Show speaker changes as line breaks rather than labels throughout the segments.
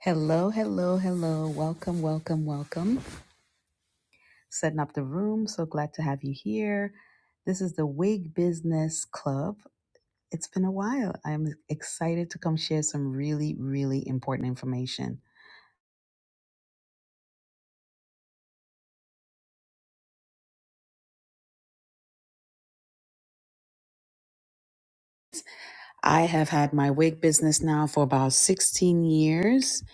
Hello, hello, hello. Welcome, welcome, welcome. Setting up the room. So glad to have you here. This is the Wig Business Club. It's been a while. I'm excited to come share some really, really important information. I have had my wig business now for about 16 years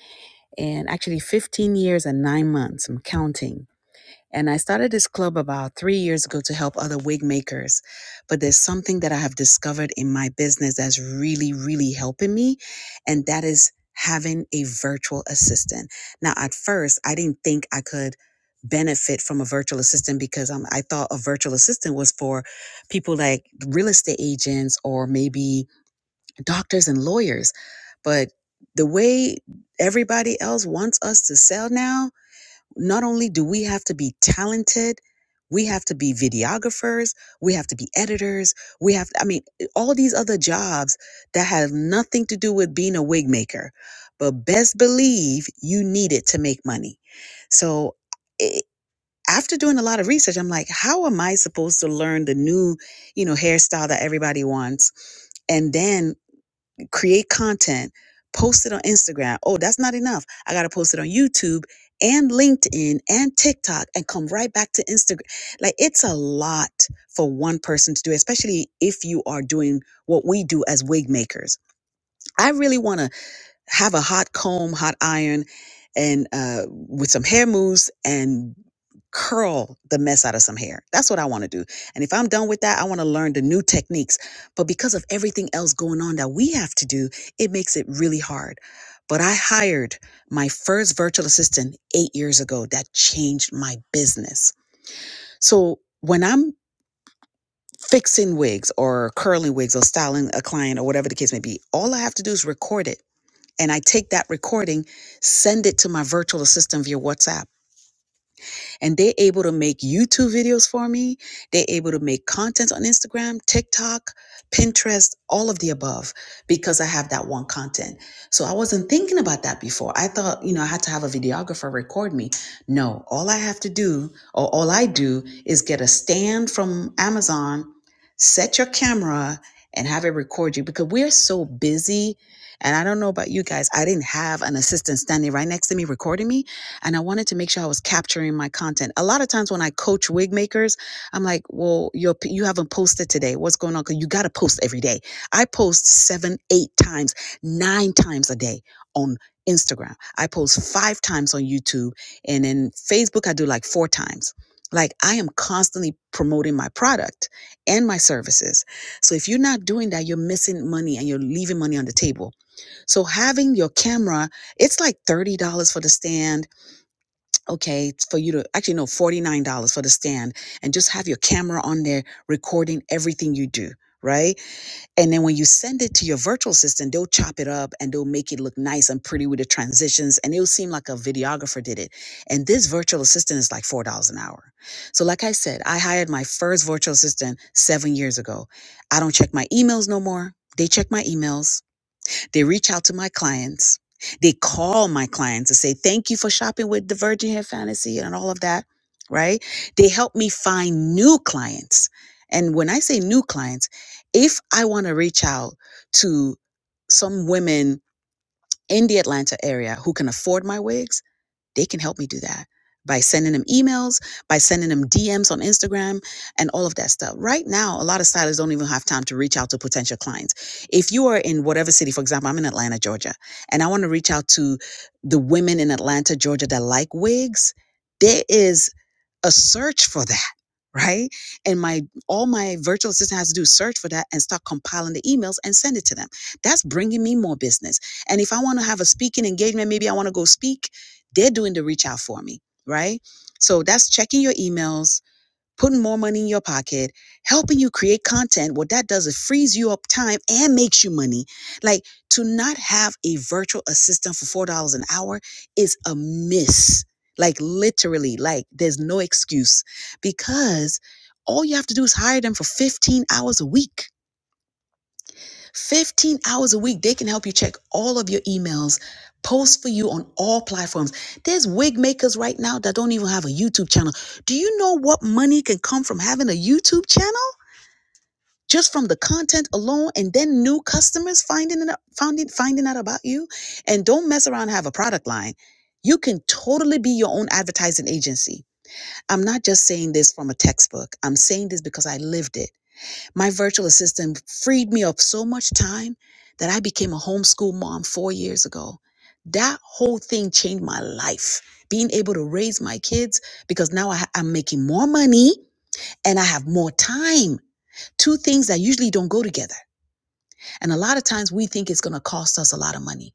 and actually 15 years and nine months. I'm counting. And I started this club about three years ago to help other wig makers. But there's something that I have discovered in my business that's really, really helping me. And that is having a virtual assistant. Now, at first, I didn't think I could benefit from a virtual assistant because um, I thought a virtual assistant was for people like real estate agents or maybe doctors and lawyers. But the way everybody else wants us to sell now, not only do we have to be talented, we have to be videographers, we have to be editors, we have, I mean, eh, all these other jobs that have nothing to do with being a wig maker. But best believe you need it to make money. So it, after doing a lot of research, I'm like, how am I supposed to learn the new, you know, hairstyle that everybody wants? And then create content, post it on Instagram. Oh, that's not enough. I got to post it on YouTube and LinkedIn and TikTok and come right back to Instagram. Like it's a lot for one person to do, especially if you are doing what we do as wig makers. I really want to have a hot comb, hot iron, and uh, with some hair mousse and curl the mess out of some hair. That's what I want to do. And if I'm done with that, I want to learn the new techniques. But because of everything else going on that we have to do, it makes it really hard. But I hired my first virtual assistant eight years ago that changed my business. So when I'm fixing wigs or curling wigs or styling a client or whatever the case may be, all I have to do is record it and I take that recording, send it to my virtual assistant via WhatsApp and they're able to make YouTube videos for me. They're able to make content on Instagram, TikTok, Pinterest, all of the above because I have that one content. So I wasn't thinking about that before. I thought, you know, I had to have a videographer record me. No, all I have to do, or all I do, is get a stand from Amazon, set your camera, and have it record you because we're so busy. And I don't know about you guys, I didn't have an assistant standing right next to me recording me and I wanted to make sure I was capturing my content. A lot of times when I coach wig makers, I'm like, well, you're, you haven't posted today. What's going on? 'Cause you got to post every day. I post seven, eight times, nine times a day on Instagram. I post five times on YouTube. And in Facebook, I do like four times. Like I am constantly promoting my product and my services. So if you're not doing that, you're missing money and you're leaving money on the table. So having your camera, it's like $30 for the stand okay, it's for you to actually no, $49 for the stand and just have your camera on there recording everything you do, right? And then when you send it to your virtual assistant, they'll chop it up and they'll make it look nice and pretty with the transitions and it'll seem like a videographer did it. And this virtual assistant is like $4 an hour. So like I said, I hired my first virtual assistant 7 years ago. I don't check my emails no more. They check my emails they reach out to my clients. They call my clients and say, Thank you for shopping with the Virgin Hair Fantasy and all of that, right? They help me find new clients. And when I say new clients, if I want to reach out to some women in the Atlanta area who can afford my wigs, they can help me do that by sending them emails, by sending them DMs on Instagram, and all of that stuff. Right now, a lot of stylists don't even have time to reach out to potential clients. If you are in whatever city, for example, I'm in Atlanta, Georgia, and I want to reach out to the women in Atlanta, Georgia that like wigs. There is a search for that right and my all my virtual assistant has to do is search for that and start compiling the emails and send it to them that's bringing me more business and if i want to have a speaking engagement maybe i want to go speak they're doing the reach out for me right so that's checking your emails putting more money in your pocket, helping you create content. What that does, is frees you up time and makes you money. Like to not have a virtual assistant for $4 an hour is a miss. Like literally, like there's no excuse because all you have to do is hire them for 15 hours a week 15 hours a week, they can help you check all of your emails, post for you on all platforms. There's wig makers right now that don't even have a YouTube channel. Do you know what money can come from having a YouTube channel? Just from the content alone, and then new customers finding it, finding finding out about you, and don't mess around and have a product line. You can totally be your own advertising agency. I'm not just saying this from a textbook. I'm saying this because I lived it. My virtual assistant freed me of so much time that I became a homeschool mom four years ago. That whole thing changed my life. Being able to raise my kids because now I, ha- I'm making more money and I have more time. Two things that usually don't go together. And a lot of times we think it's going to cost us a lot of money.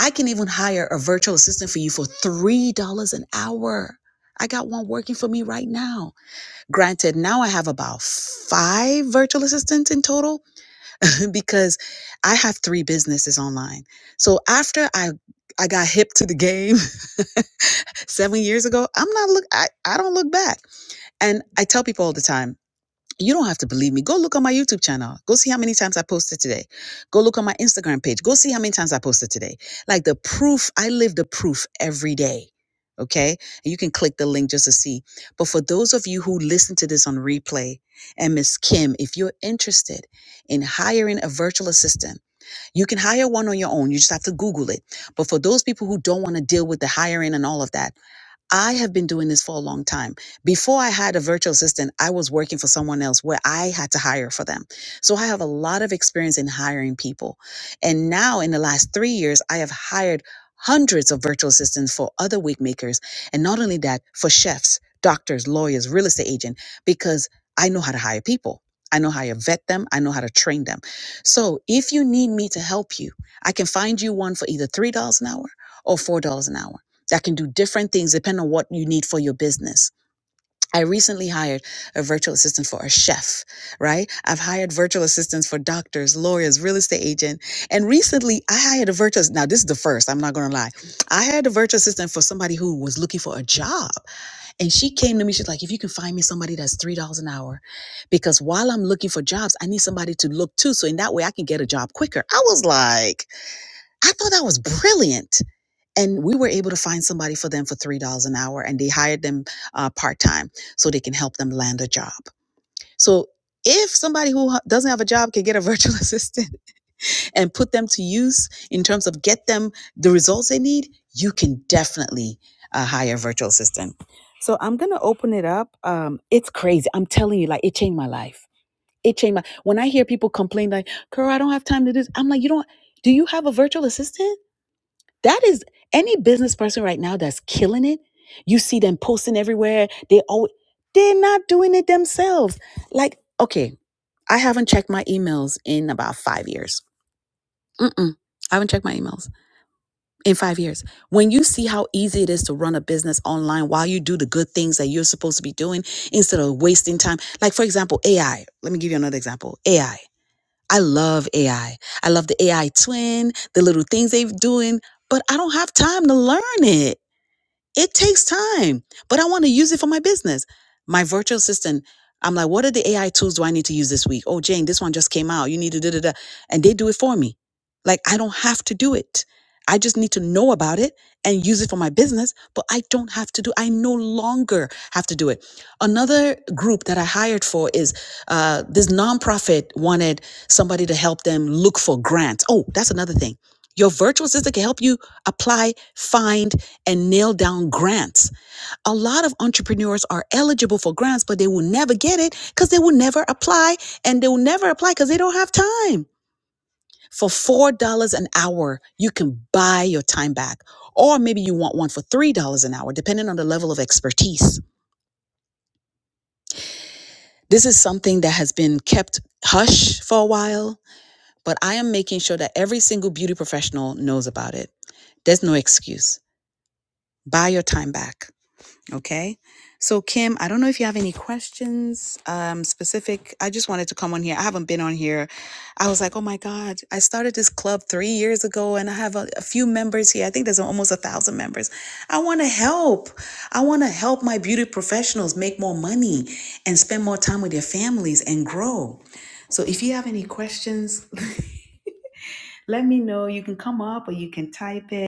I can even hire a virtual assistant for you for $3 an hour. I got one working for me right now. Granted, now I have about five virtual assistants in total because I have three businesses online. So after I I got hip to the game seven years ago, I'm not look I, I don't look back. And I tell people all the time, you don't have to believe me. Go look on my YouTube channel. Go see how many times I posted today. Go look on my Instagram page. Go see how many times I posted today. Like the proof, I live the proof every day. Okay. And you can click the link just to see. But for those of you who listen to this on replay, and Miss Kim, if you're interested in hiring a virtual assistant, you can hire one on your own. You just have to Google it. But for those people who don't want to deal with the hiring and all of that, I have been doing this for a long time. Before I had a virtual assistant, I was working for someone else where I had to hire for them. So I have a lot of experience in hiring people. And now in the last three years, I have hired hundreds of virtual assistants for other wig makers. And not only that, for chefs, doctors, lawyers, real estate agent, because I know how to hire people. I know how to vet them. I know how to train them. So if you need me to help you, I can find you one for either $3 an hour or $4 an hour that can do different things depending on what you need for your business. I recently hired a virtual assistant for a chef, right? I've hired virtual assistants for doctors, lawyers, real estate agent, and recently I hired a virtual. Now this is the first. I'm not going to lie. I hired a virtual assistant for somebody who was looking for a job, and she came to me. She's like, "If you can find me somebody that's three dollars an hour, because while I'm looking for jobs, I need somebody to look too, so in that way I can get a job quicker." I was like, I thought that was brilliant and we were able to find somebody for them for three dollars an hour and they hired them uh, part-time so they can help them land a job so if somebody who ha- doesn't have a job can get a virtual assistant and put them to use in terms of get them the results they need you can definitely uh, hire a virtual assistant so i'm gonna open it up um, it's crazy i'm telling you like it changed my life it changed my when i hear people complain like girl i don't have time to do this i'm like you don't do you have a virtual assistant that is any business person right now that's killing it. You see them posting everywhere. They always they're not doing it themselves. Like, okay, I haven't checked my emails in about five years. Mm-mm. I haven't checked my emails in five years. When you see how easy it is to run a business online while you do the good things that you're supposed to be doing instead of wasting time. Like, for example, AI. Let me give you another example. AI. I I love AI. I I love the AI twin, the little things they're doing, but I don't have time to learn it it takes time, but I want to use it for my business. My virtual assistant, I'm like, what are the AI tools do I need to use this week? Oh, Jane, this one just came out. You need to da da da. And they do it for me. Like, I don't have to do it. I just need to know about it and use it for my business, but I don't have to do, I no longer have to do it. Another group that I hired for is uh, this nonprofit wanted somebody to help them look for grants. Oh, that's another thing. Your virtual assistant can help you apply, find, and nail down grants. A lot of entrepreneurs are eligible for grants, but they will never get it because they will never apply and they will never apply because they don't have time. For $4 an hour, you can buy your time back. Or maybe you want one for $3 an hour, depending on the level of expertise. This is something that has been kept hush for a while, but I am making sure that every single beauty professional knows about it. There's no excuse. Buy your time back. Okay. So, Kim, I don't know if you have any questions um, specific. I just wanted to come on here. I haven't been on here. I was like, oh my God, I started this club three years ago and I have a, a few members here. I think there's almost a thousand members. I want to help. I want to help my beauty professionals make more money and spend more time with their families and grow. So, if you have any questions, let me know. You can come up or you can type it.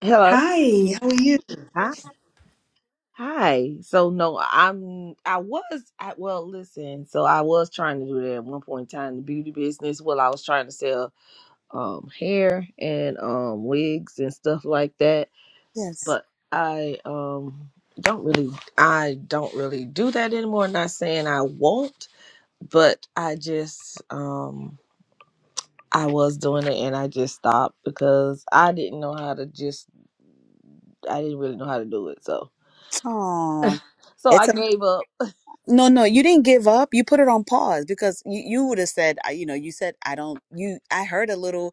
Hello.
Hi, how are you?
Hi. Hi. So no, I'm I was I well listen, so I was trying to do that at one point in time the beauty business. Well I was trying to sell um hair and um wigs and stuff like that.
Yes.
But I um don't really I don't really do that anymore. Not saying I won't, but I just um I was doing it and I just stopped because I didn't know how to just I didn't really know how to do it. So
Oh,
so
it's
I
a
gave up
No, no, you didn't give up. You put it on pause because you, you would have said, I- you know, you said, I don't, you, I heard a little,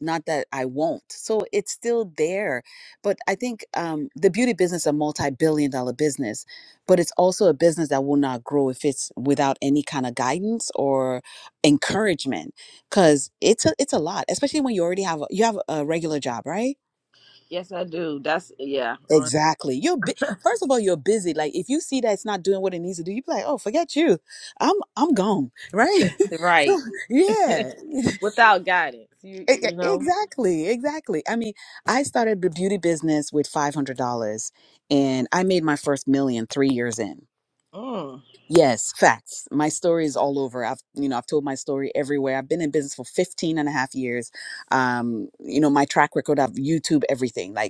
not that I won't. So it's still there. But I think um, the beauty business is a multi billion dollar business, but it's also a business that will not grow if it's without any kind of guidance or encouragement because it's a, it's a lot, especially when you already have, a, you have a regular job, right?
Yes, I do. That's yeah, uh,
Exactly. You're bu- first of all, you're busy. Like if you see that it's not doing what it needs to do, you be like, "Oh, forget you. I'm I'm gone." Right? so
right.
yeah,
Without guidance, you
E- e-
you know.
exactly, exactly. I mean, I started the beauty business with five hundred dollars, and I made my first million three years in.
Mm,
Yes, facts. My story is all over. I've, you know, I've told my story everywhere. I've been in business for 15 and a half years. Um, you know, my track record, I've YouTube everything. Like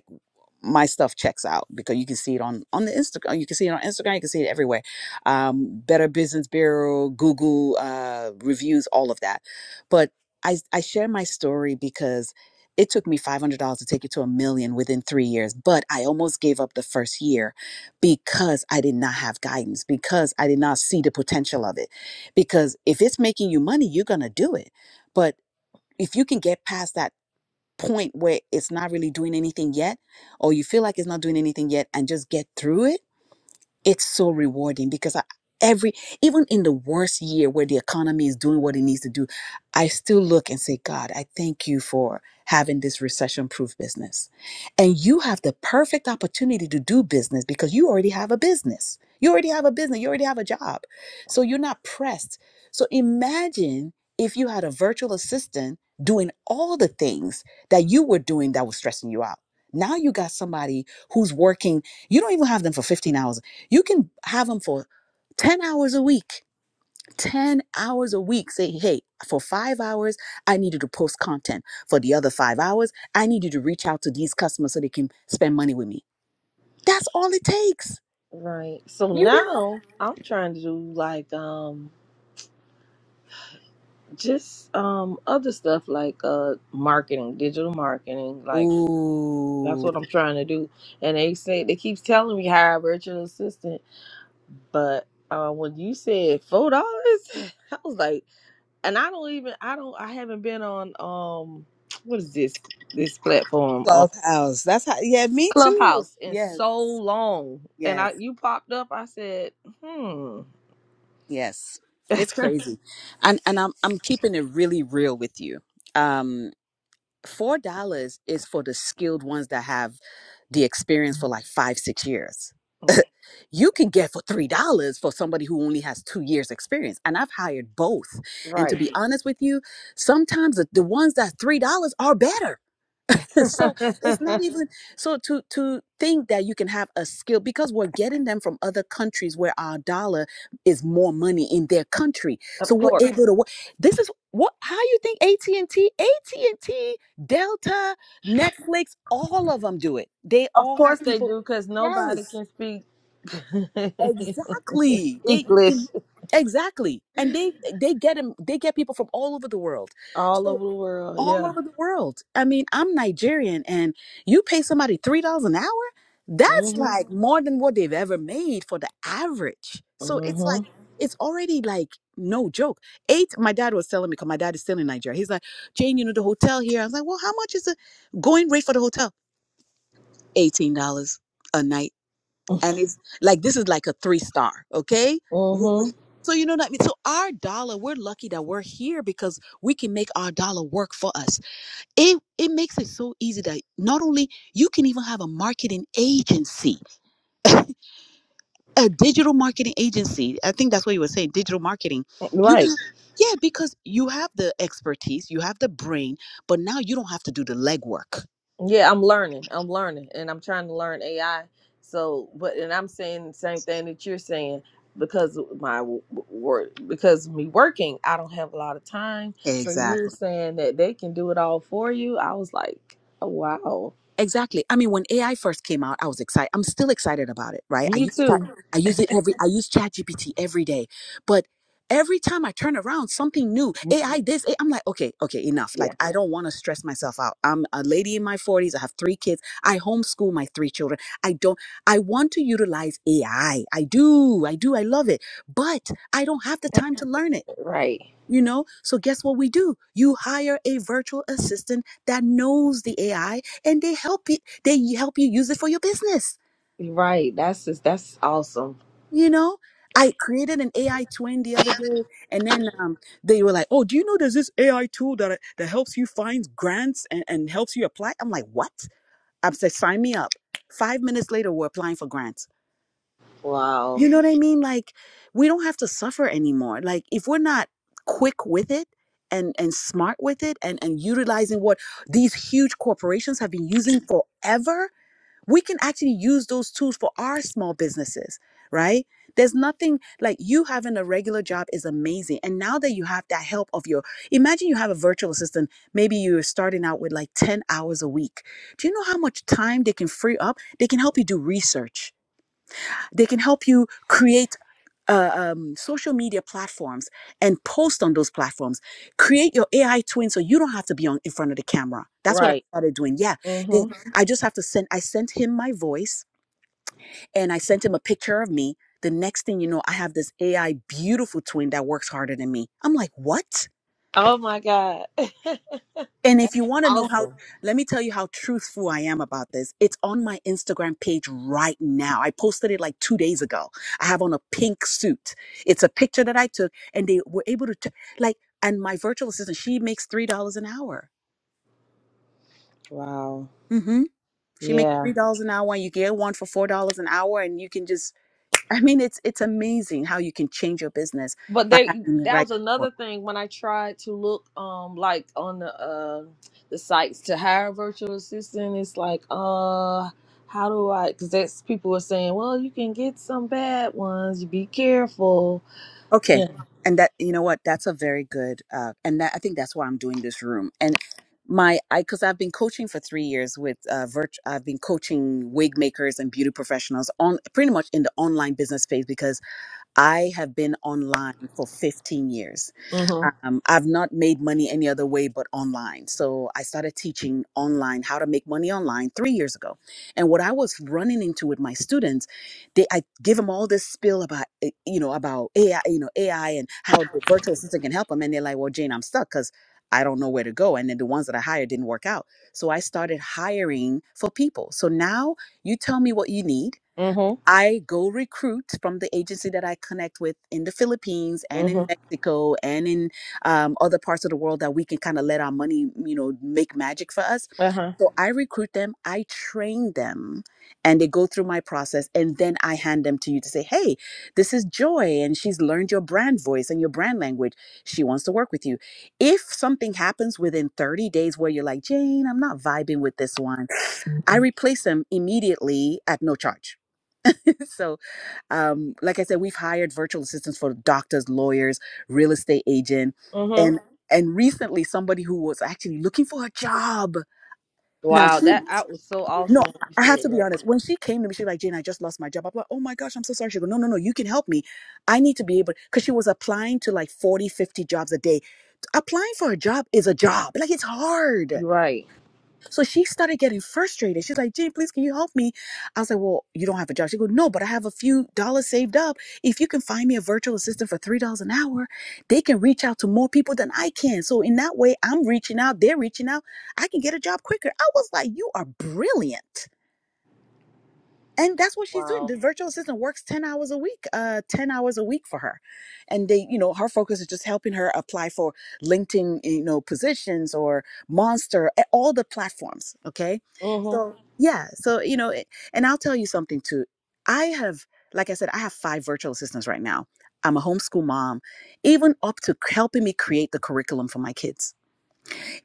my stuff checks out because you can see it on on the Instagram. You can see it on Instagram. You can see it everywhere. Um, Better Business Bureau, Google uh, reviews, all of that. But I I share my story because it took me five hundred dollars to take it to a million within three years. But I almost gave up the first year because I did not have guidance because I did not see the potential of it. Because if it's making you money, you're gonna do it. But if you can get past that point where it's not really doing anything yet, or you feel like it's not doing anything yet, and just get through it it's so rewarding because I, every even in the worst year where the economy is doing what it needs to do i still look and say god i thank you for having this recession proof business and you have the perfect opportunity to do business because you already have a business you already have a business you already have a job so you're not pressed so imagine if you had a virtual assistant doing all the things that you were doing that was stressing you out now you got somebody who's working you don't even have them for 15 hours a week you can have them for 10 hours a week. 10 hours a week. Say, hey, for five hours, I need you to post content. For the other five hours, I need you to reach out to these customers so they can spend money with me. That's all it takes.
right. So
You
now I'm trying to do like um just um other stuff like uh marketing, digital marketing. Like that's
Ooh,
what I'm trying to do. And they say they keep telling me hire a virtual assistant, but uh when you said four dollars, I was like, and I don't even I don't I haven't been on um what is this this platform?
Clubhouse. That's how. Yeah, me too.
Clubhouse in
Yes,
so long, and
yes,
I you popped up. I said, "Hmm,
yes. It's crazy, and and I'm I'm keeping it really real with you. Um, four dollars is for the skilled ones that have the experience for like five six years you can get for three dollars for somebody who only has two years experience and i've hired both and to
right."
be Mhm. honest with you sometimes the, the ones that three dollars are better
of
so it's not even so to to think that you can have a skill because we're getting them from other countries where our dollar is more money in their country so we're
course,
Mhm. able to wo- this is what how you think at&t at&t delta netflix all of them do it they
of
all have
course they
people
do, because nobody
yes
can speak
Exactly. They you
English
can exactly, and they they get them, They get people from all over the world.
all
So
over the world.
all
Yeah.
over the world. I mean, I'm Nigerian, and you pay somebody three dollars an hour. That's Mhm.
Mhm.
like more than what they've ever made for the average. So it's like
Mhm.
Mhm. it's already like no joke. Eight. My dad was telling me because my dad is still in Nigeria. He's like, Jane, you know the hotel here. I was like, well, how much is the going rate for the hotel? Eighteen dollars a night and it's like this is like a three star okay W-
Mhm.
w- so you know what i mean so our dollar we're lucky that we're here because we can make our dollar work for us it it makes it so easy that not only you can even have a marketing agency a digital marketing agency i think that's what you were saying digital marketing you
Right.
can yeah because you have the expertise you have the brain but now you don't have to do the legwork
Yeah, I'm learning. I'm learning and I'm trying to learn AI. So, but and I'm saying the same thing that you're saying because of my w- w- work because me working, I don't have a lot of time. So you're
exactly
saying that they can do it all for you. I was like, oh, wow.
Exactly. I mean, when AI first came out, I was excited. I'm still excited about it, right? I
Me
use Chat-
too.
I use it every I use ChatGPT every day, but every time I turn around, something new
Mm,
AI this AI, I'm like, okay, okay, enough.
Yeah.
Like, I don't want to stress myself out. I'm a lady in my 40s. I have three kids. I homeschool my three children. I don't. I want to utilize AI. I I do. I do. I love it, but I don't have the
Eh,
time to learn it
Right.
you know so guess what we do you hire a virtual assistant that knows the ai and they help you they help you use it for your business
Right. That's just that's awesome.
you know i created an ai twin the other day and then um, they were like oh do you know there's this ai tool that uh, that helps you find grants and, and helps you apply i'm like what i said sign me up five minutes later we're applying for grants
Wow.
You know what I mean? Like we don't have to suffer anymore. Like if we're not quick with it and and smart with it and and utilizing what these huge corporations have been using forever, we can actually use those tools for our small businesses, right? There's nothing like you having a regular job is amazing. And now that you have that help of your, imagine you have a virtual assistant, maybe you're starting out with like 10 hours a week. Do you know how much time they can free up? They can help you do research they can help you create uh, um, social media platforms and post on those platforms. Create your AI twin so you don't have to be on in front of the camera. That's what I
Right.
started doing. Yeah, They-
Mhm.
Mhm. I just have to send. I sent him my voice and I sent him a picture of me. The next thing you know, I have this AI beautiful twin that works harder than me. I'm like, what?
Oh my god.
And if
that's
you want to know how,
awesome.
let me tell you how truthful I am about this. It's on my Instagram page right now. I posted it like two days ago. I have on a pink suit. It's a picture that I took, and they were able to, t- like, and my virtual assistant, she makes $3 an hour.
Wow.
hmm She makes
Yeah.
$3 an hour, and you get one for $4 an hour, and you can just, I mean, it's, it's amazing how you can change your business
But
by
they
having the
that
right
was
support.
another thing when I tried to look um like on the uh the sites to hire a virtual assistant. It's like uh how do I? Because that's people are saying, well, you can get some bad ones. You be careful. Yeah.
Okay. And that, you know what? That's a very good, uh, and that, I think that's why I'm doing this room. And my, I, cause I've been coaching for three years with, uh, virt- I've been coaching wig makers and beauty professionals on pretty much in the online business space because I have been online for 15 years
Mhm.
um, I've not made money any other way but online. So I started teaching online how to make money online three years ago. And what I was running into with my students, they I give them all this spill about eh, you know about AI, you know AI and how the virtual assistant can help them, and they're like, "Well, Jane, I'm stuck because I don't know where to go." And then the ones that I hired didn't work out. So I started hiring for people. So now you tell me what you need.
Mhm.
I go recruit from the agency that I connect with in the Philippines and in Mhm.
Mhm.
Mexico and in um, other parts of the world that we can kind of let our money, you know, make magic for us.
Uh huh.
So I recruit them, I train them, and they go through my process. And then I hand them to you to say, hey, this is Joy, and she's learned your brand voice and your brand language. She wants to work with you. If something happens within 30 days where you're like, Jane, I'm not vibing with this one, I replace them immediately at no charge. so, um, like I said, we've hired virtual assistants for doctors, lawyers, real estate agent,
Mhm.
and Mhm. and recently somebody who was actually looking for a job. Now she,
Wow, that
Mhm.
out was so awesome
no,
when you
I have
said
to be
that.
honest. When she came to me, she was like, "Jane, I just lost my job." I'm like, "Oh my gosh, I'm so sorry." She goes, "No, no, no, you can help me. I need to be able," because she was applying to like 40, 50 jobs a day. Applying for a job is a job. Like it's hard.
You're right.
So she started getting frustrated. She's like, "Gee, please, can you help me? I was like, Well, you don't have a job. She goes, No, but I have a few dollars saved up. If you can find me a virtual assistant for $3 an hour, they can reach out to more people than I can. So in that way, I'm reaching out, they're reaching out. I can get a job quicker. I was like, You are brilliant and that's what she's doing
Wow.
the virtual assistant works 10 hours a week uh 10 hours a week for her and they you know her focus is just helping her apply for linkedin you know positions or monster a- all the platforms okay
Mhm.
so yeah so you know it- and i'll tell you something too i have like i said i have five virtual assistants right now i'm a homeschool mom even up to helping me create the curriculum for my kids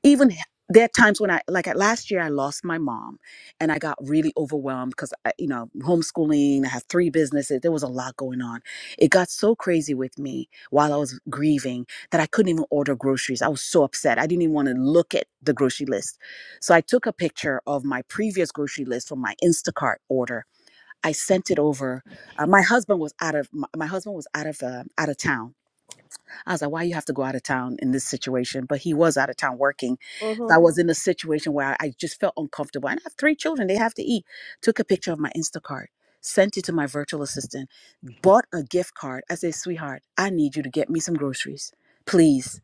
even h- there are times when I like I- last year I lost my mom and I got really overwhelmed because you know, homeschooling, I have three businesses, there was a lot going on. It got so crazy with me while I was grieving that I couldn't even order groceries. I was so upset. I didn't even want to look at the grocery list. So I took a picture of my previous grocery list from my Instacart order. I sent it over. Uh, my husband was out of my, my husband was out of uh, out of town I was like, why you have to go out of town in this situation? But he was out of town working. So I
Mhm.
was in a situation where I just felt uncomfortable. And I have three children, they have to eat. Took a picture of my Instacart, sent it to my virtual assistant, bought a gift card. I said, sweetheart, I need you to get me some groceries, please.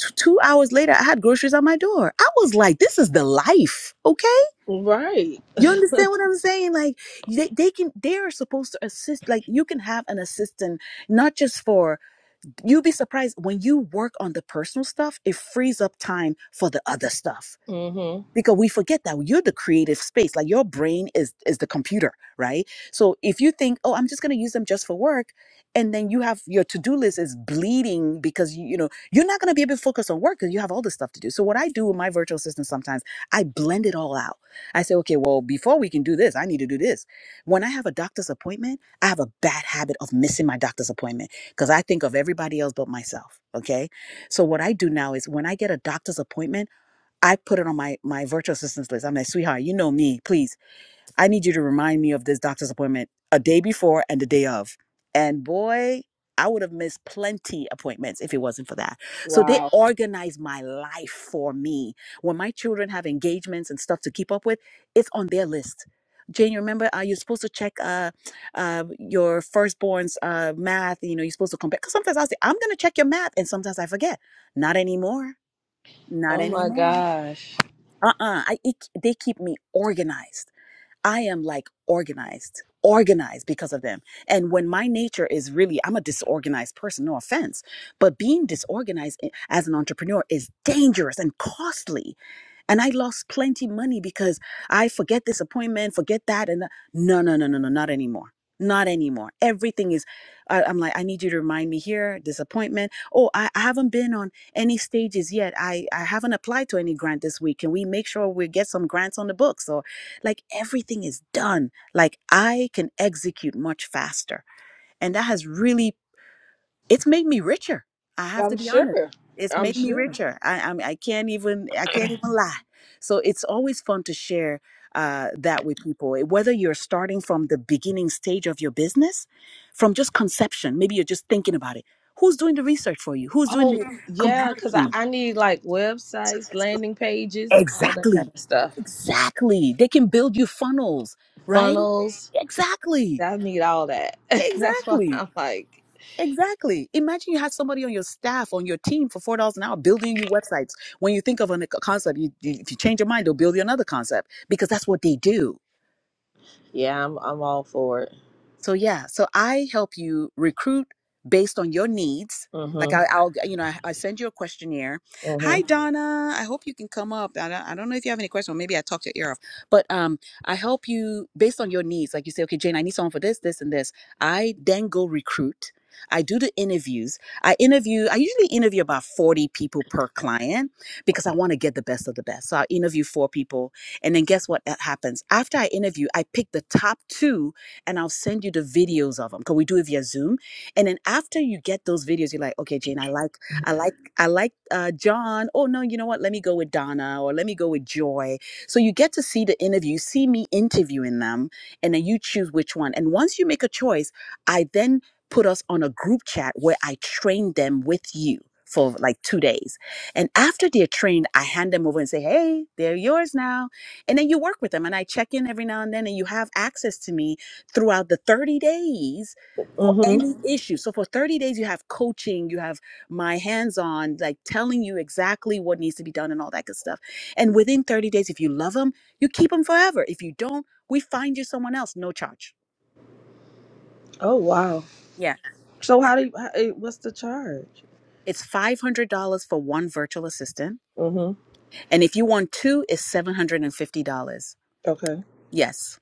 T- two hours later, I had groceries on my door. I was like, this is the life, okay?
Right.
You understand what I'm saying? Like, they, they can, they are supposed to assist. Like, you can have an assistant, not just for you'd be surprised when you work on the personal stuff, it frees up time for the other stuff
Mhm.
because we forget that you're the creative space like your brain is is the computer right so if you think oh i'm just going to use them just for work and then you have your to-do list is bleeding because you, you know you're not going to be able to focus on work because you have all this stuff to do so what i do with my virtual assistant sometimes i blend it all out i say okay well before we can do this i need to do this when i have a doctor's appointment i have a bad habit of missing my doctor's appointment because i think of everybody else but myself okay so what i do now is when i get a doctor's appointment I put it on my my virtual assistants list. I'm like, sweetheart, you know me. Please, I need you to remind me of this doctor's appointment a day before and the day of. And boy, I would have missed plenty appointments if it wasn't for that. So they
Wow.
Wow. organize my life for me. When my children have engagements and stuff to keep up with, it's on their list. Jane, you remember uh, you're supposed to check uh, uh, your firstborn's uh, math. You know, you're supposed to compare. Because sometimes I'll say, I'm going to check your math. And sometimes I forget. Not anymore. Not
Oh my
anymore
gosh.
uh-uh I, it, they keep me organized i am like organized organized because of them and when my nature is really i'm a disorganized person no offense but being disorganized i- as an entrepreneur is dangerous and costly and I lost plenty money because I forget this appointment, forget that. And no, no, no, no, no, not anymore. Not anymore. Everything is, I, I'm like, I need you to remind me here, this appointment. Oh, I, I haven't been on any stages yet. I, I haven't applied to any grant this week. Can we make sure we get some grants on the books? Or like everything is done. Like I can execute much faster. And that has really it's made me richer. I have to
I'm
be honest.
sure.
It's
I'm
made me
sure.
richer. I I, I can't even I can't even lie. So it's always fun to share uh, that with people. eh, Whether you're starting from the beginning stage of your business, from just conception, maybe you're just thinking about it. Who's doing the research for you? Who's doing
Oh
the
yeah, because I,
comparison?
I need like websites, landing pages, all that kind
Exactly,
of stuff.
exactly. They can build you funnels, right?
Funnels.
Exactly,
I need all that. That's why
exactly.
I'm like,
Exactly. Imagine you had somebody on your staff, on your team for four dollars an hour building you websites. When you think of a concept, you, you, if you change your mind, they'll build you another concept because that's what they do.
yeah, I'm I'm all for it.
So yeah, so I help you recruit based on your needs. Like I,
Mm-hmm.
I'll, you know, I, I send you a questionnaire. Hi,
Mm-hmm.
Donna. I hope you can come up. I don't, I don't know if you have any questions, or maybe I talked your ear off. But um, I help you based on your needs. Like you say, okay, Jane, I need someone for this, this, and this. I then go recruit. I do the interviews. I interview. I usually interview about forty people per client because I want to get the best of the best. So I interview four people, and then guess what happens after I interview? I pick the top two and I'll send you the videos of them because we do it via Zoom. And then after you get those videos, you're like, okay, Jane, I like, I like, I like uh, John. Oh no, you know what? Let me go with Donna or let me go with Joy. So you get to see the interview, you see me interviewing them, and then you choose which one. And once you make a choice, I then put us on a group chat where I train them with you for like two days. And after they're trained, I hand them over and say, hey, they're yours now. And then you work with them and I check in every now and then and you have access to me throughout the 30 days for
Mm-hmm.
any Mhm. issue. So for 30 days you have coaching, you have my hands-on like telling you exactly what needs to be done and all that good stuff. And within 30 days if you love them, you keep them forever. If you don't, we find you someone else, no charge.
Oh wow.
Yeah.
So
Yeah.
how do you, how, eh, what's the charge?
It's $500 for one virtual assistant,
Mm-hmm.
and if you want two it's $750.
Okay.
Yes.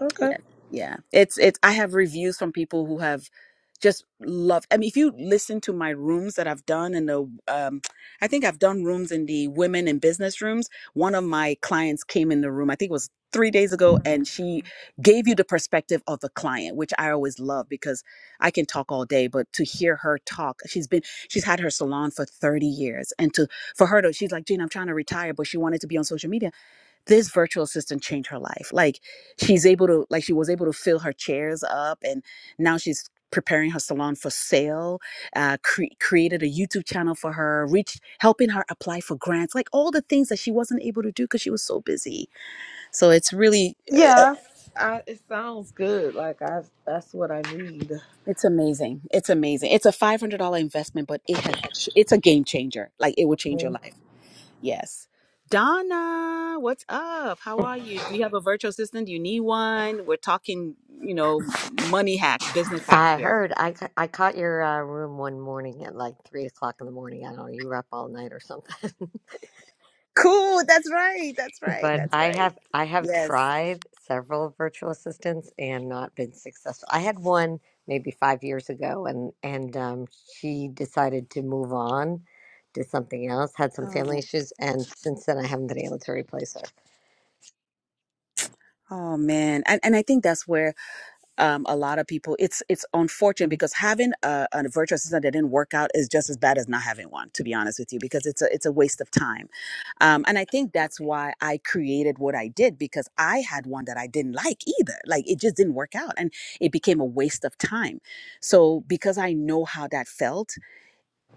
Okay.
yeah yeah it's it's i have reviews from people who have just loved i mean if you listen to my rooms that i've done in the um i think i've done rooms in the women in business rooms one of my clients came in the room i think it was three days ago and she gave you the perspective of the client which i always love because i can talk all day but to hear her talk she's been she's had her salon for 30 years and to for her to she's like gene i'm trying to retire but she wanted to be on social media this virtual assistant changed her life. Like she's able to, like she was able to fill her chairs up, and now she's preparing her salon for sale. Uh, cre- created a YouTube channel for her, reached, helping her apply for grants, like all the things that she wasn't able to do because she was so busy. So it's really,
Yeah. I, it sounds good. Like I that's what I need.
it's amazing. It's amazing. It's a five hundred dollar investment, but it has, it's a game changer. Like it will change your
Mhm.
life. Yes. Donna, what's up? How are you? Do you have a virtual assistant? Do you need one? We're talking, you know, money hacks, business hacks
I
here.
heard. I, ca- I caught your uh, room one morning at like three o'clock in the morning. I don't know. You were up all night or something.
Cool. That's right. That's right.
But
That's
I
right.
have I have
Yes.
tried several virtual assistants and not been successful. I had one maybe five years ago, and and um, she decided to move on, did something else, had some family
Oh,
issues, and since then I haven't been able to replace her.
oh man. And and I think that's where um, a lot of people it's it's unfortunate because having a, a virtual assistant that didn't work out is just as bad as not having one to be honest with you because it's a it's a waste of time um, and i think that's why i created what i did because i had one that i didn't like either like it just didn't work out and it became a waste of time so because i know how that felt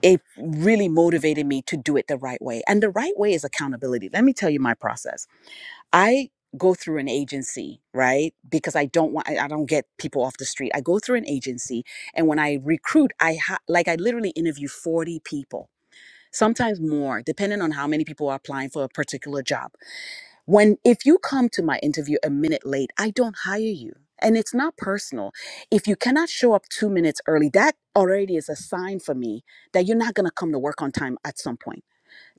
it really motivated me to do it the right way and the right way is accountability let me tell you my process I go through an agency, right? Because I don't want, I, I don't get people off the street. I go through an agency, and when I recruit, I ha- like I literally interview forty people, sometimes more, depending on how many people are applying for a particular job. When if you come to my interview a minute late, I don't hire you. And it's not personal. If you cannot show up two minutes early, that already is a sign for me that you're not going to come to work on time at some point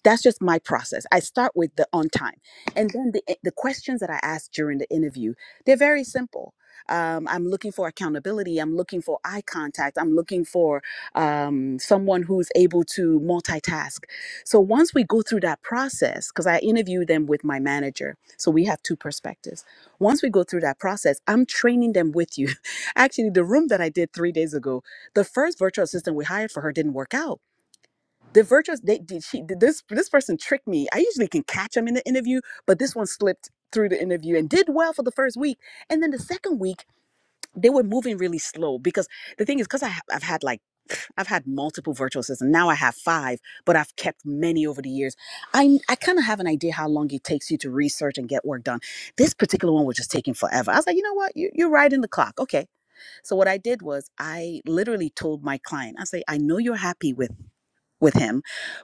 that's just my process. I start with the on time. And then the, eh, the questions that I ask during the interview, they're very simple. Um, I'm looking for accountability. I'm looking for eye contact. I'm looking for um, someone who's able to multitask. So once we go through that process, because I interview them with my manager, so we have two perspectives. Once we go through that process, I'm training them with you. Actually, the room that I did three days ago, the first virtual assistant we hired for her didn't work out the virtuous they did she did this this person tricked me. I usually can catch them in the interview, but this one slipped through the interview and did well for the first week. And then the second week, they were moving really slow because the thing is, because I, I've had like, I've had multiple virtual assistants. Now I have five, but I've kept many over the years. I, I kind of have an idea how long it takes you to research and get work done. This particular one was just taking forever. I was like, you know what? You, you're right in the clock. Okay. So what I did was I literally told my client, I say, I know you're happy with with him,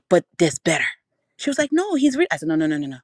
but there's better. She was like, no, he's real. I said, no, no, no, no, no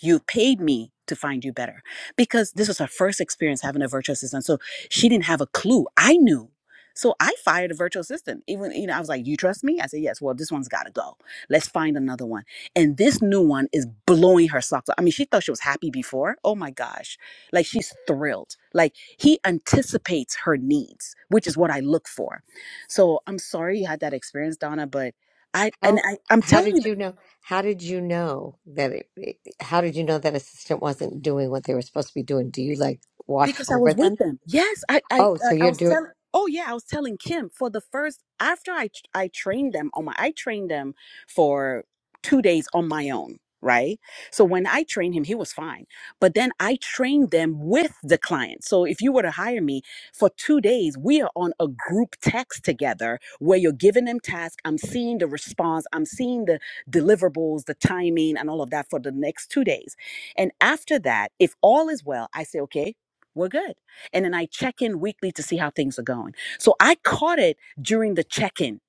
you paid me to find you better because this was her first experience having a virtual assistant so she didn't have a clue i knew so i fired a virtual assistant even you know i was like you trust me i said yes well this one's got to go let's find another one and this new one is blowing her socks off i mean she thought she was happy before oh my gosh like she's thrilled like he anticipates her needs which is what i look for so i'm sorry you had that experience donna but i and
How
I, i'm
how
telling you
did you know? How did you know that it? it- How did you know that assistant wasn't doing what they were supposed to be doing? Do you like watch
because I
over
was with
them?
them. Yes, I I
Oh, so
like I
you're
was
doing,
telling. Oh yeah, I was telling Kim for the first after I I trained them on my I trained them for two days on my own. Right. So when I trained him, he was fine. But then I trained them with the client. So if you were to hire me for two days, we are on a group text together where you're giving them tasks. I'm seeing the response. I'm seeing the deliverables, the timing, and all of that for the next two days. And after that, if all is well, I say, okay, we're good. And then I check in weekly to see how things are going. So I caught it during the check in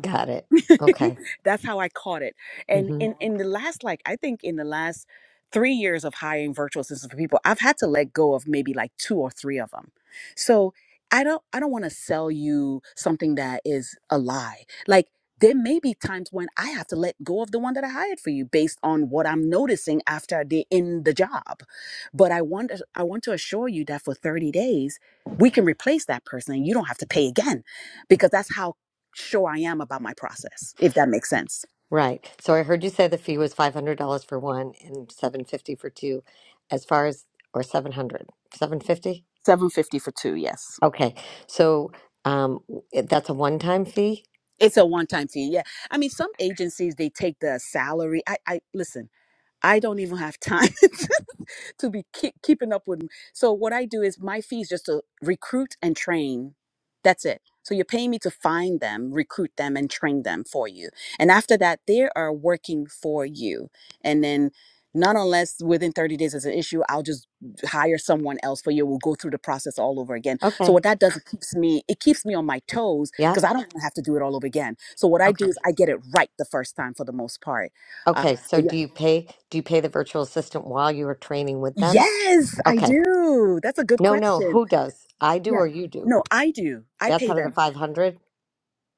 got it. Okay.
That's how I caught it. And
hmm
in in the last like I think in the last 3 years of hiring virtual assistants for people, I've had to let go of maybe like two or three of them. So, I don't I don't want to sell you something that is a lie. Like there may be times when I have to let go of the one that I hired for you based on what I'm noticing after they're in the job. But I want I want to assure you that for 30 days we can replace that person and you don't have to pay again because that's how sure I am about my process, if that makes sense.
Right. So I heard you say the fee was $500 for one and 750 for two, as far as, or seven hundred, seven fifty.
750 for two, yes.
Okay. So um, w- eh, that's a one-time fee?
It's a one time fee. Yeah. I mean, some agencies, they take the salary. I, I listen. I don't even have time to be keep, keeping up with them. So what I do is my fee is just to recruit and train. That's it. So you're paying me to find them, recruit them, and train them for you. And after that, they are working for you. And then, not unless within 30 days is an issue, I'll just hire someone else for you. We'll go through the process all over again. So what
Okay.
that does, it keeps me, it keeps me on my toes
Yeah.
because I don't wanna have to do it all over again. So what I do
Okay.
is I get it right the first time for the most part. Uh,
Okay.
so
So
yeah,
do you pay, do you pay the virtual assistant while you are training with them?
Yes, I
Okay.
do. That's a good
No, no.
question.
Who does? I do
Yeah.
or you do?
No, I do. I
That's
pay
out of the
them.
500?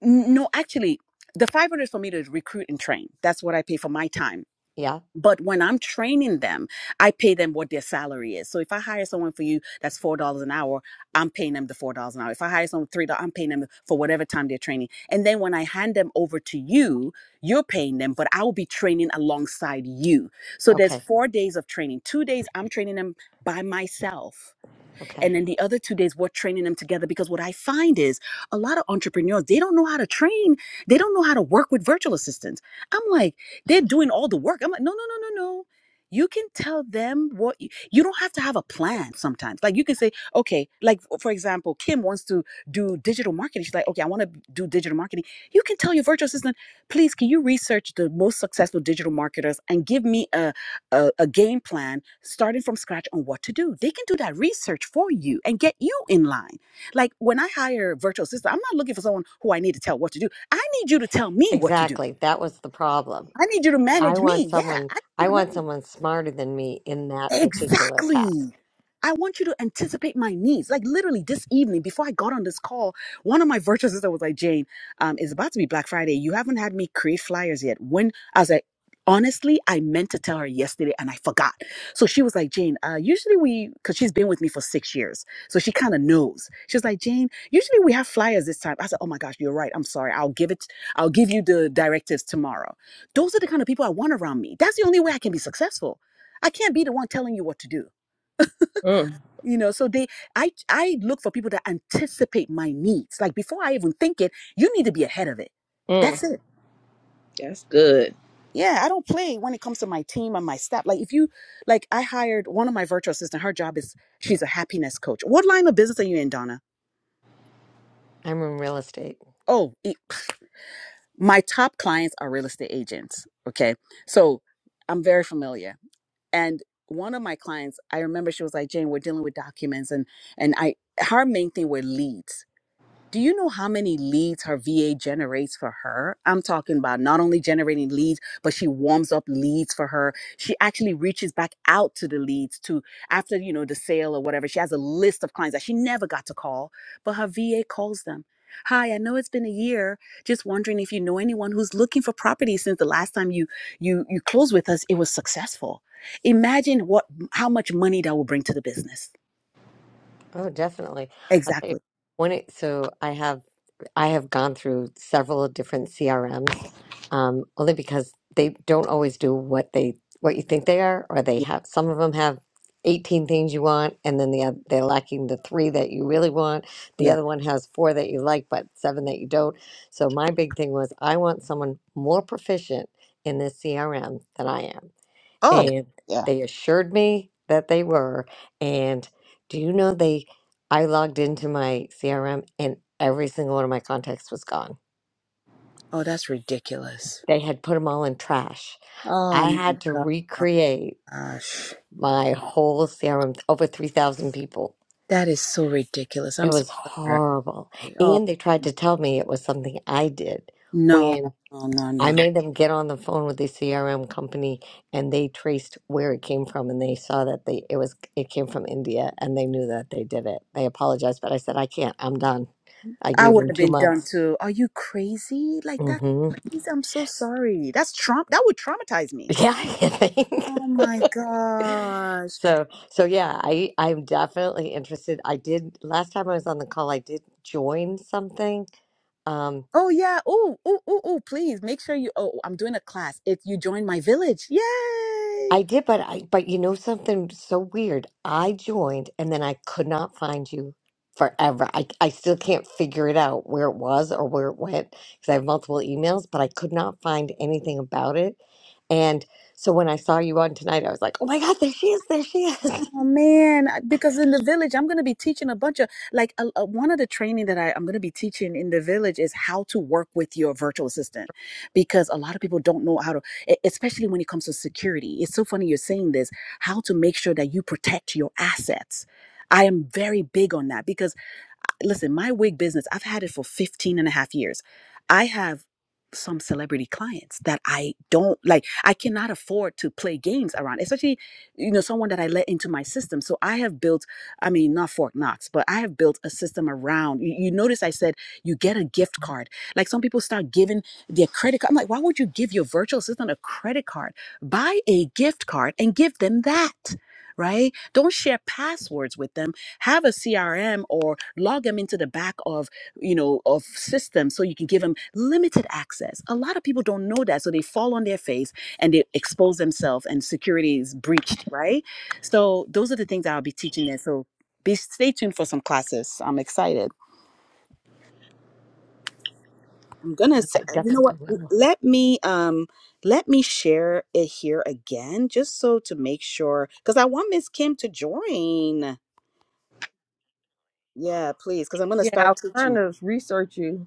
N- No, actually, the 500 is for me to recruit and train. That's what I pay for my time.
Yeah.
But when I'm training them, I pay them what their salary is. So if I hire someone for you that's $4 an hour, I'm paying them the $4 an hour. If I hire someone for $3, I'm paying them for whatever time they're training. And then when I hand them over to you, you're paying them, but I will be training alongside you. So there's
Okay.
four days of training. Two days I'm training them by myself and
Okay.
then the other two days, we're training them together because what I find is a lot of entrepreneurs, they don't know how to train. They don't know how to work with virtual assistants. I'm like, they're doing all the work. I'm like, no, no, no, no, no. You can tell them what you, you don't have to have a plan sometimes. Like you can say, okay, like for example, Kim wants to do digital marketing. She's like, okay, I want to do digital marketing. You can tell your virtual assistant, please, can you research the most successful digital marketers and give me a a, a game plan starting from scratch on what to do. They can do that research for you and get you in line. Like when I hire a virtual assistant, I'm not looking for someone who I need to tell what to do. I need you to tell me what to do.
Exactly. That was the problem.
I need you to
I
manage me.
want
Yeah,
someone
I need you
I
to
want
manage.
someone smarter than me in that particular task.
Exactly. I want you to anticipate my needs. Like literally this evening, before I got on this call, one of my virtual sisters was like, Jane, um, it's about to be Black Friday. You haven't had me create flyers yet. When I was like, honestly, I meant to tell her yesterday and I forgot. So she was like, Jane, uh, usually we, because she's been with me for six years. So she kind of knows. She was like, Jane, usually we have flyers this time. I said, oh my gosh, you're right. I'm sorry. I'll give it, I'll give you the directives tomorrow. Those are the kind of people I want around me. That's the only way I can be successful. I can't be the one telling you what to do.
Mm,
You know, so they I I look for people that anticipate my needs. Like before I even think it, you need to be ahead of it.
mm.
That's it.
That's good.
Yeah, I don't play when it comes to my team and my staff. Like if you like I hired one of my virtual assistant, her job is she's a happiness coach. What line of business are you in, Donna?
I'm in real estate.
Oh, it, my top clients are real estate agents. Okay. So I'm very familiar. And one of my clients, I remember she was like, Jane, we're dealing with documents and and I her main thing were leads Do you know how many leads her VA generates for her? I'm talking about not only generating leads, but she warms up leads for her. She actually reaches back out to the leads to after, you know, the sale or whatever. She has a list of clients that she never got to call, but her VA calls them. Hi, I know it's been a year. Just wondering if you know anyone who's looking for property since the last time you you you closed with us, it was successful. Imagine what how much money that will bring to the business.
Oh, definitely. I'll tell you.
Exactly.
When it, so I have I have gone through several different CRMs, um, only because they don't always do what they what you think they are, or they
Yeah.
have some of them have eighteen things you want, and then the other, they're lacking the three that you really want. The
yeah.
other one has four that you like, but seven that you don't. So my big thing was I want someone more proficient in this CRM than I am
Oh.
and
yeah.
they assured me that they were. And do you know they? I logged into my CRM and every single one of my contacts was gone.
Oh, that's ridiculous.
They had put them all in trash.
Oh
I had to
my
recreate
gosh.
my whole CRM, over 3,000 people.
That is so ridiculous.
It
I'm so
was
sorry.
horrible.
Oh,
And they tried to tell me it was something I did
no,
when.
no, no,
I
no.
made them get on the phone with the CRM company and they traced where it came from and they saw that they it was it came from India and they knew that they did it. They apologized, but I said I can't. I'm done. I
I
gave
would
them
have
2
been done
months.
too. Are you crazy? Like,
mm
that's
Mhm.
crazy. I'm so sorry. That's Trump. That would traumatize me.
Yeah, I think.
Oh my gosh.
So, so yeah, I I'm definitely interested. I did last time I was on the call, I did join something. Um,
Oh, yeah. Oh, oh, oh, oh, please make sure you. Oh, I'm doing a class. If you join my village. Yay.
I did, but I but you know something so weird. I joined and then I could not find you forever. I I still can't figure it out where it was or where it went because I have multiple emails, but I could not find anything about it. And so when I saw you on tonight, I was like, "Oh my God, there she is! There she is!"
Oh man, I- because in the village, I'm going to be teaching a bunch of like a, a- one of the training that I, I'm going to be teaching in the village is how to work with your virtual assistant because a lot of people don't know how to, e- especially when it comes to security. It's so funny you're saying this, how to make sure that you protect your assets. I am very big on that because listen, my wig business, I've had it for 15 and a half years. I have some celebrity clients that I don't like, I cannot afford to play games around, especially, you know, someone that I let into my system. So I have built, I mean, not Fort Knox, but I have built a system around. You, you notice I said you get a gift card. Like some people start giving their credit card. I'm like, why would you give your virtual assistant a credit card? Buy a gift card and give them that, right? Don't share passwords with them have a crm or log them into the back of you know of systems so you can give them limited access a lot of people don't know that so they fall on their face and they expose themselves and security is breached right so those are the things that i'll be teaching there so be stay tuned for some classes i'm excited i'm gonna s-
I
you know what
definitely will.
let me um let me share it here again just so to make sure because i want miss kim to join yeah please because i'm gonna
Yeah, I
start
was
teaching
trying to research you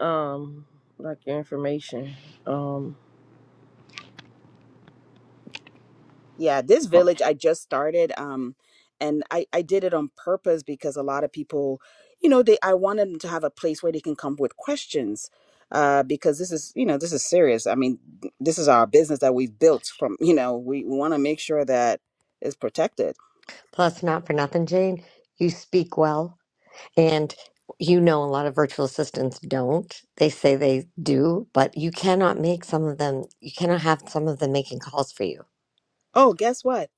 um like your information. Um
Yeah, this
Oh,
village I just started, um, and I I did it on purpose because a lot of people, you know, they I wanted them to have a place where they can come with questions, uh, because this is you know this is serious. I mean, this is our business that we've built from. You know, we want to make sure that it's protected.
Plus, not for nothing, Jane, you speak well. And you know, a lot of virtual assistants don't. They say they do, but you cannot make some of them, you cannot have some of them making calls for you.
Oh, guess what?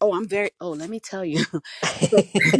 Oh, I'm very. Oh, let me tell you. So-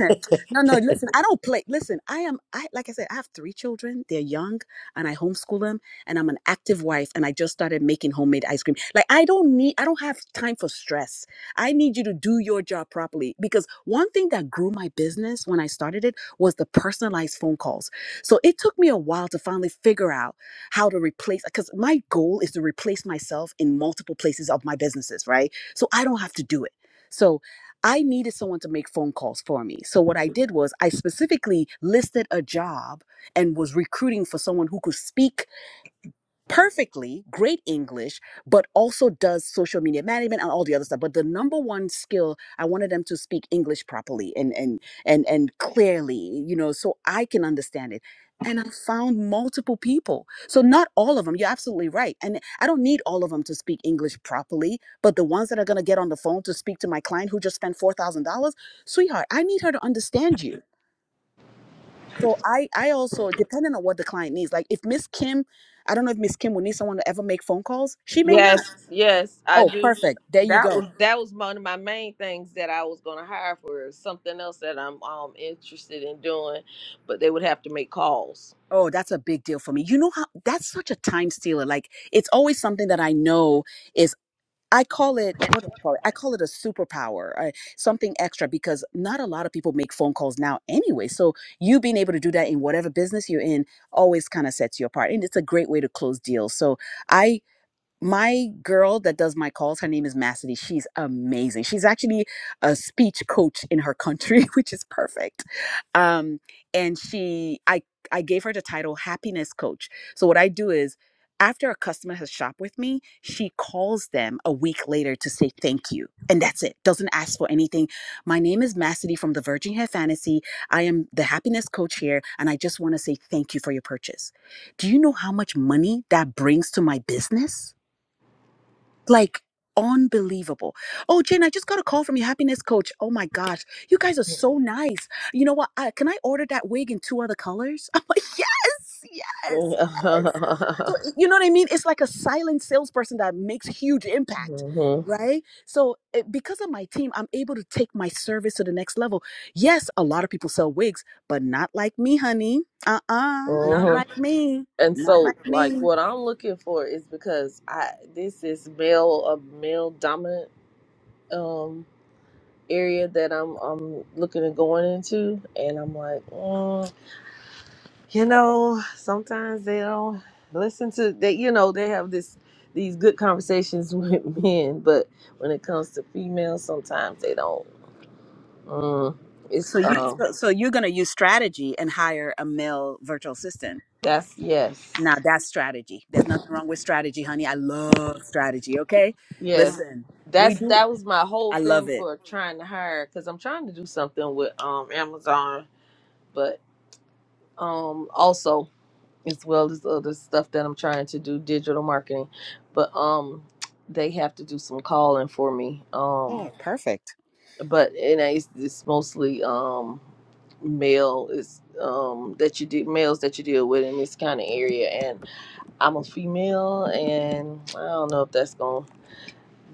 no, no, listen, I don't play. Listen, I am, I like I said, I have three children. They're young and I homeschool them and I'm an active wife and I just started making homemade ice cream. Like I don't need, I don't have time for stress. I need you to do your job properly because one thing that grew my business when I started it was the personalized phone calls. So it took me a while to finally figure out how to replace, because my goal is to replace myself in multiple places of my businesses, right? So I don't have to do it. So I needed someone to make phone calls for me. So what I did was I specifically listed a job and was recruiting for someone who could speak perfectly great English, but also does social media management and all the other stuff. But the number one skill, I wanted them to speak English properly and and and and clearly, you know, so I can understand it. And I found multiple people. So not all of them. You're absolutely right. And I don't need all of them to speak English properly, but the ones that are gonna get on the phone to speak to my client who just spent four thousand dollars, sweetheart, I need her to understand you. So I I also depending on what the client needs. Like if Miss Kim, I don't know if Miss Kim will need someone to ever make phone calls. She may not.
Yes, yes, I
Oh,
do.
perfect. There you
That
go.
was that was one of my main things that I was gonna hire for something else that I'm um interested in doing, but they would have to make calls.
Oh, that's a big deal for me. You know how that's such a time stealer. Like it's always something that I know is I call it what do I call it? I call it a superpower, uh, something extra because not a lot of people make phone calls now anyway. So you being able to do that in whatever business you're in always kind of sets you apart, and it's a great way to close deals. So I my girl that does my calls, her name is Massady. She's amazing. She's actually a speech coach in her country, which is perfect. Um, and she, I, I gave her the title happiness coach. So what I do is, after a customer has shopped with me, she calls them a week later to say thank you. And that's it. Doesn't ask for anything. My name is Massady from the Virgin Hair Fantasy. I am the happiness coach here, and I just want to say thank you for your purchase. Do you know how much money that brings to my business? like unbelievable. Oh, Jen, I just got a call from your happiness coach. Oh my gosh, you guys are so nice. You know what? I, can I order that wig in two other colors? I'm like, yes, yes,
hmm
yes. So you know what I mean? It's like a silent salesperson that makes huge impact, right? So eh, because of my team, I'm able to take my service to the next level. Yes, a lot of people sell wigs, but not like me, honey. Uh-uh, not
hmm
like me.
And
Not
so,
like
like,
me.
what I'm looking for is because I this is male a male dominant um area that I'm I'm looking at going into, and I'm like. mm, you know sometimes they don't listen to they you know they have this these good conversations with men but when it comes to females sometimes they don't mm, it's
So you
um
so, so you're gonna use strategy and hire a male virtual assistant.
that's yes
Now that's strategy. There's nothing wrong with strategy, honey. I love strategy. Okay,
yes
listen, we
that's
do.
that was my whole
I love
thing
it.
for trying to hire because i'm trying to do something with um amazon but um also as well as other stuff that i'm trying to do digital marketing but um they have to do some calling for me um
Oh, perfect.
but and I it's, it's mostly um male is um that you do males that you deal with in this kind of area and i'm a female and i don't know if that's going to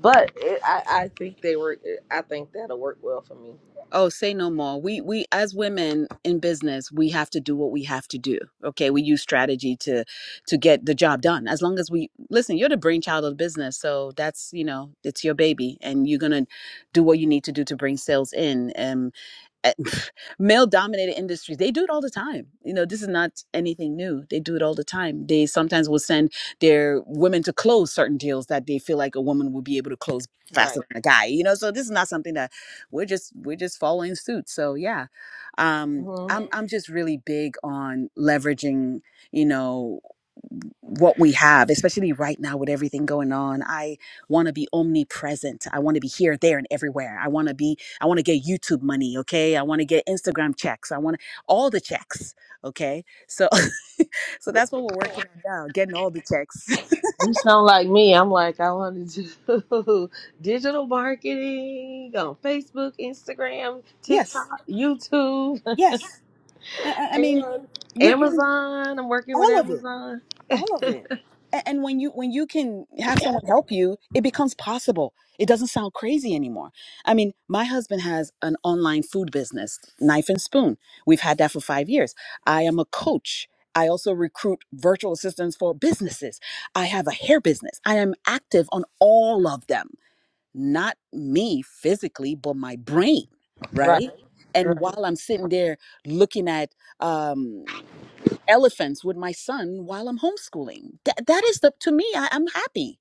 but it, i i think they work i think that'll work well for me
Oh, say no more. We we as women in business, we have to do what we have to do. Okay, we use strategy to to get the job done. As long as we listen, you're the brainchild of the business, so that's you know it's your baby, and you're gonna do what you need to do to bring sales in. And male dominated industries, they do it all the time. You know, this is not anything new. They do it all the time. They sometimes will send their women to close certain deals that they feel like a woman will be able to close faster
right
than a guy. You know, so this is not something that we're just we're just following suit so yeah um
mm-hmm.
i'm i'm just really big on leveraging you know what we have especially right now with everything going on i want to be omnipresent i want to be here there and everywhere i want to be i want to get youtube money okay i want to get instagram checks i want all the checks okay so so that's what we're working on now getting all the checks
you sound like me i'm like i want to do digital marketing on facebook instagram
yes
tiktok youtube
yes i, I I mean
and
you you
amazon i'm working with
all of it
amazon
all of it and, and when you when you can have someone help you it becomes possible it doesn't sound crazy anymore i mean my husband has an online food business knife and spoon we've had that for five years i am a coach i also recruit virtual assistants for businesses i have a hair business i am active on all of them not me physically but my brain right Mhm.
right
and while i'm sitting there looking at um elephants with my son while I'm homeschooling. That that is the to me, I, I'm happy.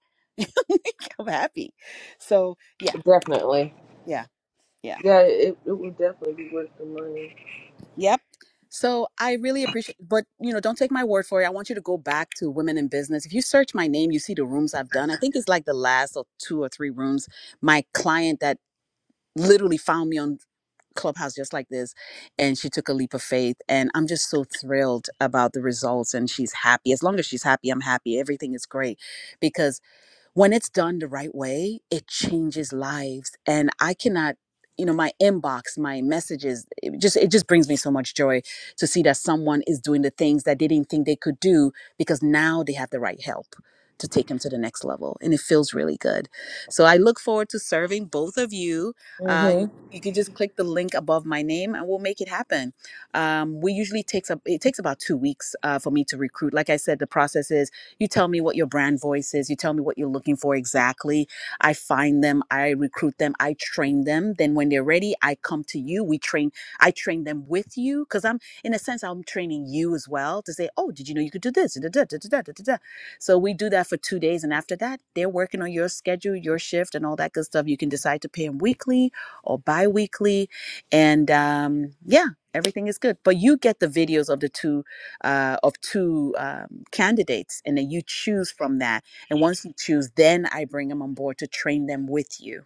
I'm happy. So yeah,
Definitely.
yeah, yeah.
Yeah, it, it would definitely be worth the money.
Yep. So I really appreciate but you know, don't take my word for it. I want you to go back to women in business. If you search my name, you see the rooms I've done. I think it's like the last or two or three rooms. My client that literally found me on Clubhouse just like this and she took a leap of faith and I'm just so thrilled about the results and she's happy. As long as she's happy, I'm happy. Everything is great because when it's done the right way, it changes lives. And I cannot, you know, my inbox, my messages, it just it just brings me so much joy to see that someone is doing the things that they didn't think they could do because now they have the right help to take them to the next level. And it feels really good. So I look forward to serving both of you. Uh,
hmm
you you can just click the link above my name and we'll make it happen. Um, we usually takes up it takes about two weeks uh, for me to recruit. Like I said, the process is you tell me what your brand voice is. You tell me what you're looking for exactly. I find them, I recruit them, I train them. Then when they're ready, I come to you. We train, I train them with you because I'm, in a sense, I'm training you as well to say, oh, did you know you could do this? Da, da, da, da, da, da, da, So we do that for two days. And after that, they're working on your schedule, your shift, and all that good stuff. You can decide to pay them weekly or bi weekly. And um, yeah, everything is good. But you get the videos of the two uh, of two um, candidates, and then you choose from that. And once you choose, then I bring them on board to train them with you.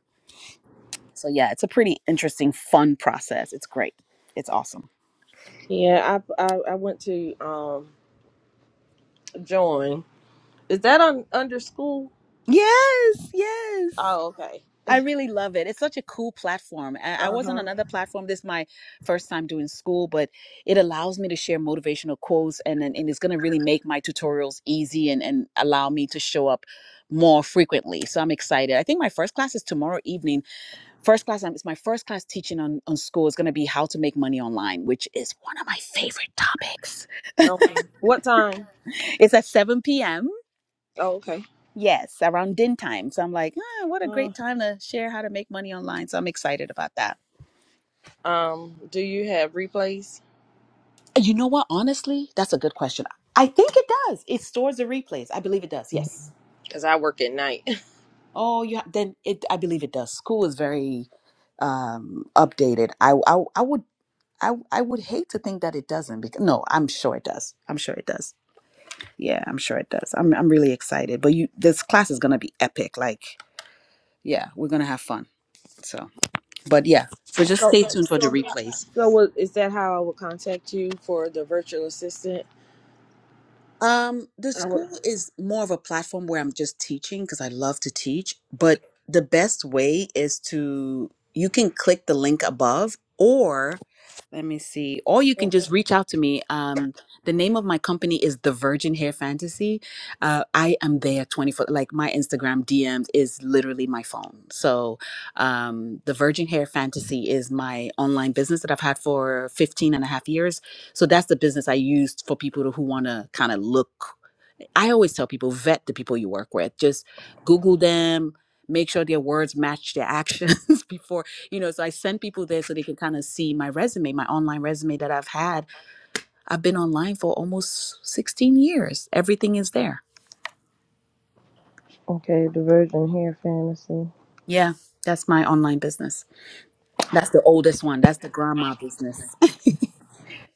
So yeah, it's a pretty interesting, fun process. It's great. It's awesome.
Yeah, I, I I went to um join. Is that on under school?
Yes, yes.
Oh, okay.
I really love it. It's such a cool platform. I, I
Uh
was on
huh.
another platform. This is my first time doing school, but it allows me to share motivational quotes and and, and it's going to really make my tutorials easy and, and allow me to show up more frequently. So I'm excited. I think my first class is tomorrow evening First class, um, it's my first class teaching on, on school is going to be how to make money online, which is one of my favorite topics.
Okay. What time?
It's at 7 p.m.
Oh, okay.
Yes, around din time. So I'm like, ah, what a
Uh,
great time to share how to make money online. So I'm excited about that.
um, do you have replays?
You know what? Honestly, that's a good question. I think it does. It stores the replays. I believe it does. Yes.
Cause I work at night.
Oh, you ha- then it. I believe it does. School is very um updated. I I, I would I I would hate to think that it doesn't. Because no, I'm sure it does. I'm sure it does. Yeah, I'm sure it does. I'm I'm really excited. But you this class is gonna be epic. Like, yeah, we're gonna have fun. So but yeah. But just
so
stay tuned for the
so how,
replays.
so what is that? How I would contact you for the virtual assistant?
Um the
I would.
school is more of a platform where I'm just teaching because I love to teach, but the best way is to you can click the link above or. Let me see. Or you can just reach out to me. Um, the name of my company is The Virgin Hair Fantasy. Uh, I am there 24, like my Instagram DMs is literally my phone. So um, The Virgin Hair Fantasy is my online business that I've had for 15 and a half years. So that's the business I used for people who want to kind of look. I always tell people vet the people you work with. Just Google them, make sure their words match their actions before, you know. So I send people there so they can kind of see my resume, my online resume that I've had. I've been online for almost 16 years. Everything is there.
Okay, the Virgin Hair Fantasy.
Yeah, that's my online business. That's the oldest one. That's the grandma business.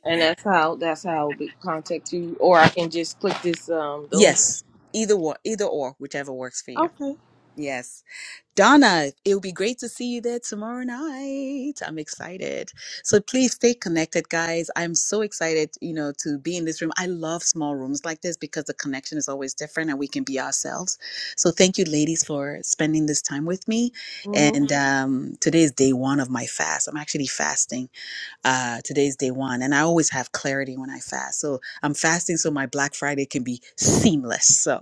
and that's how that's how I'll be contact you, or I can just click this um the link.
Yes, either or, either or, whichever works for you.
Okay.
Yes. Donna, it would be great to see you there tomorrow night. I'm excited. So please stay connected, guys. I'm so excited, you know, to be in this room. I love small rooms like this because the connection is always different and we can be ourselves. So thank you, ladies, for spending this time with me.
hmm
And um, today is day one of my fast. I'm actually fasting. Uh, today's day one. And I always have clarity when I fast. So I'm fasting so my Black Friday can be seamless. So.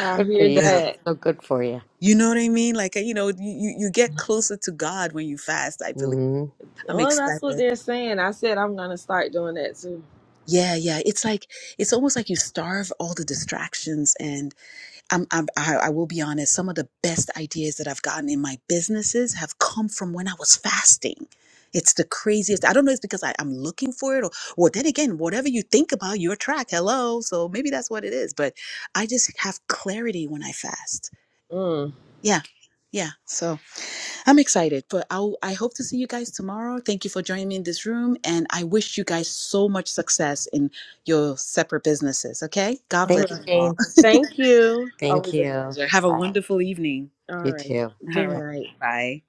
I
Good for
hear
you.
that.
So good for you.
You know what I mean? Like, you know, you, you get closer to God when you fast, I believe.
hmm
I'm
Well, that's what
excited.
they're saying. I said I'm gonna start doing that too.
Yeah, yeah. It's like it's almost like you starve all the distractions. And I'm, I'm I, I will be honest. Some of the best ideas that I've gotten in my businesses have come from when I was fasting. It's the craziest. I don't know. It's because I, I'm looking for it, or well, then again, whatever you think about, you attract. Hello, so maybe that's what it is. But I just have clarity when I fast.
Mm.
Yeah, yeah. So. I'm excited, but I'll, I hope to see you guys tomorrow. Thank you for joining me in this room, and I wish you guys so much success in your separate businesses. Okay, God
All
Thank you,
bless
right.
you all.
Jane.
Thank you.
Thank
Always a
you.
pleasure. Have a
Bye.
wonderful evening.
All
You
right.
too.
Good
All
Bye.
right,
night.
bye.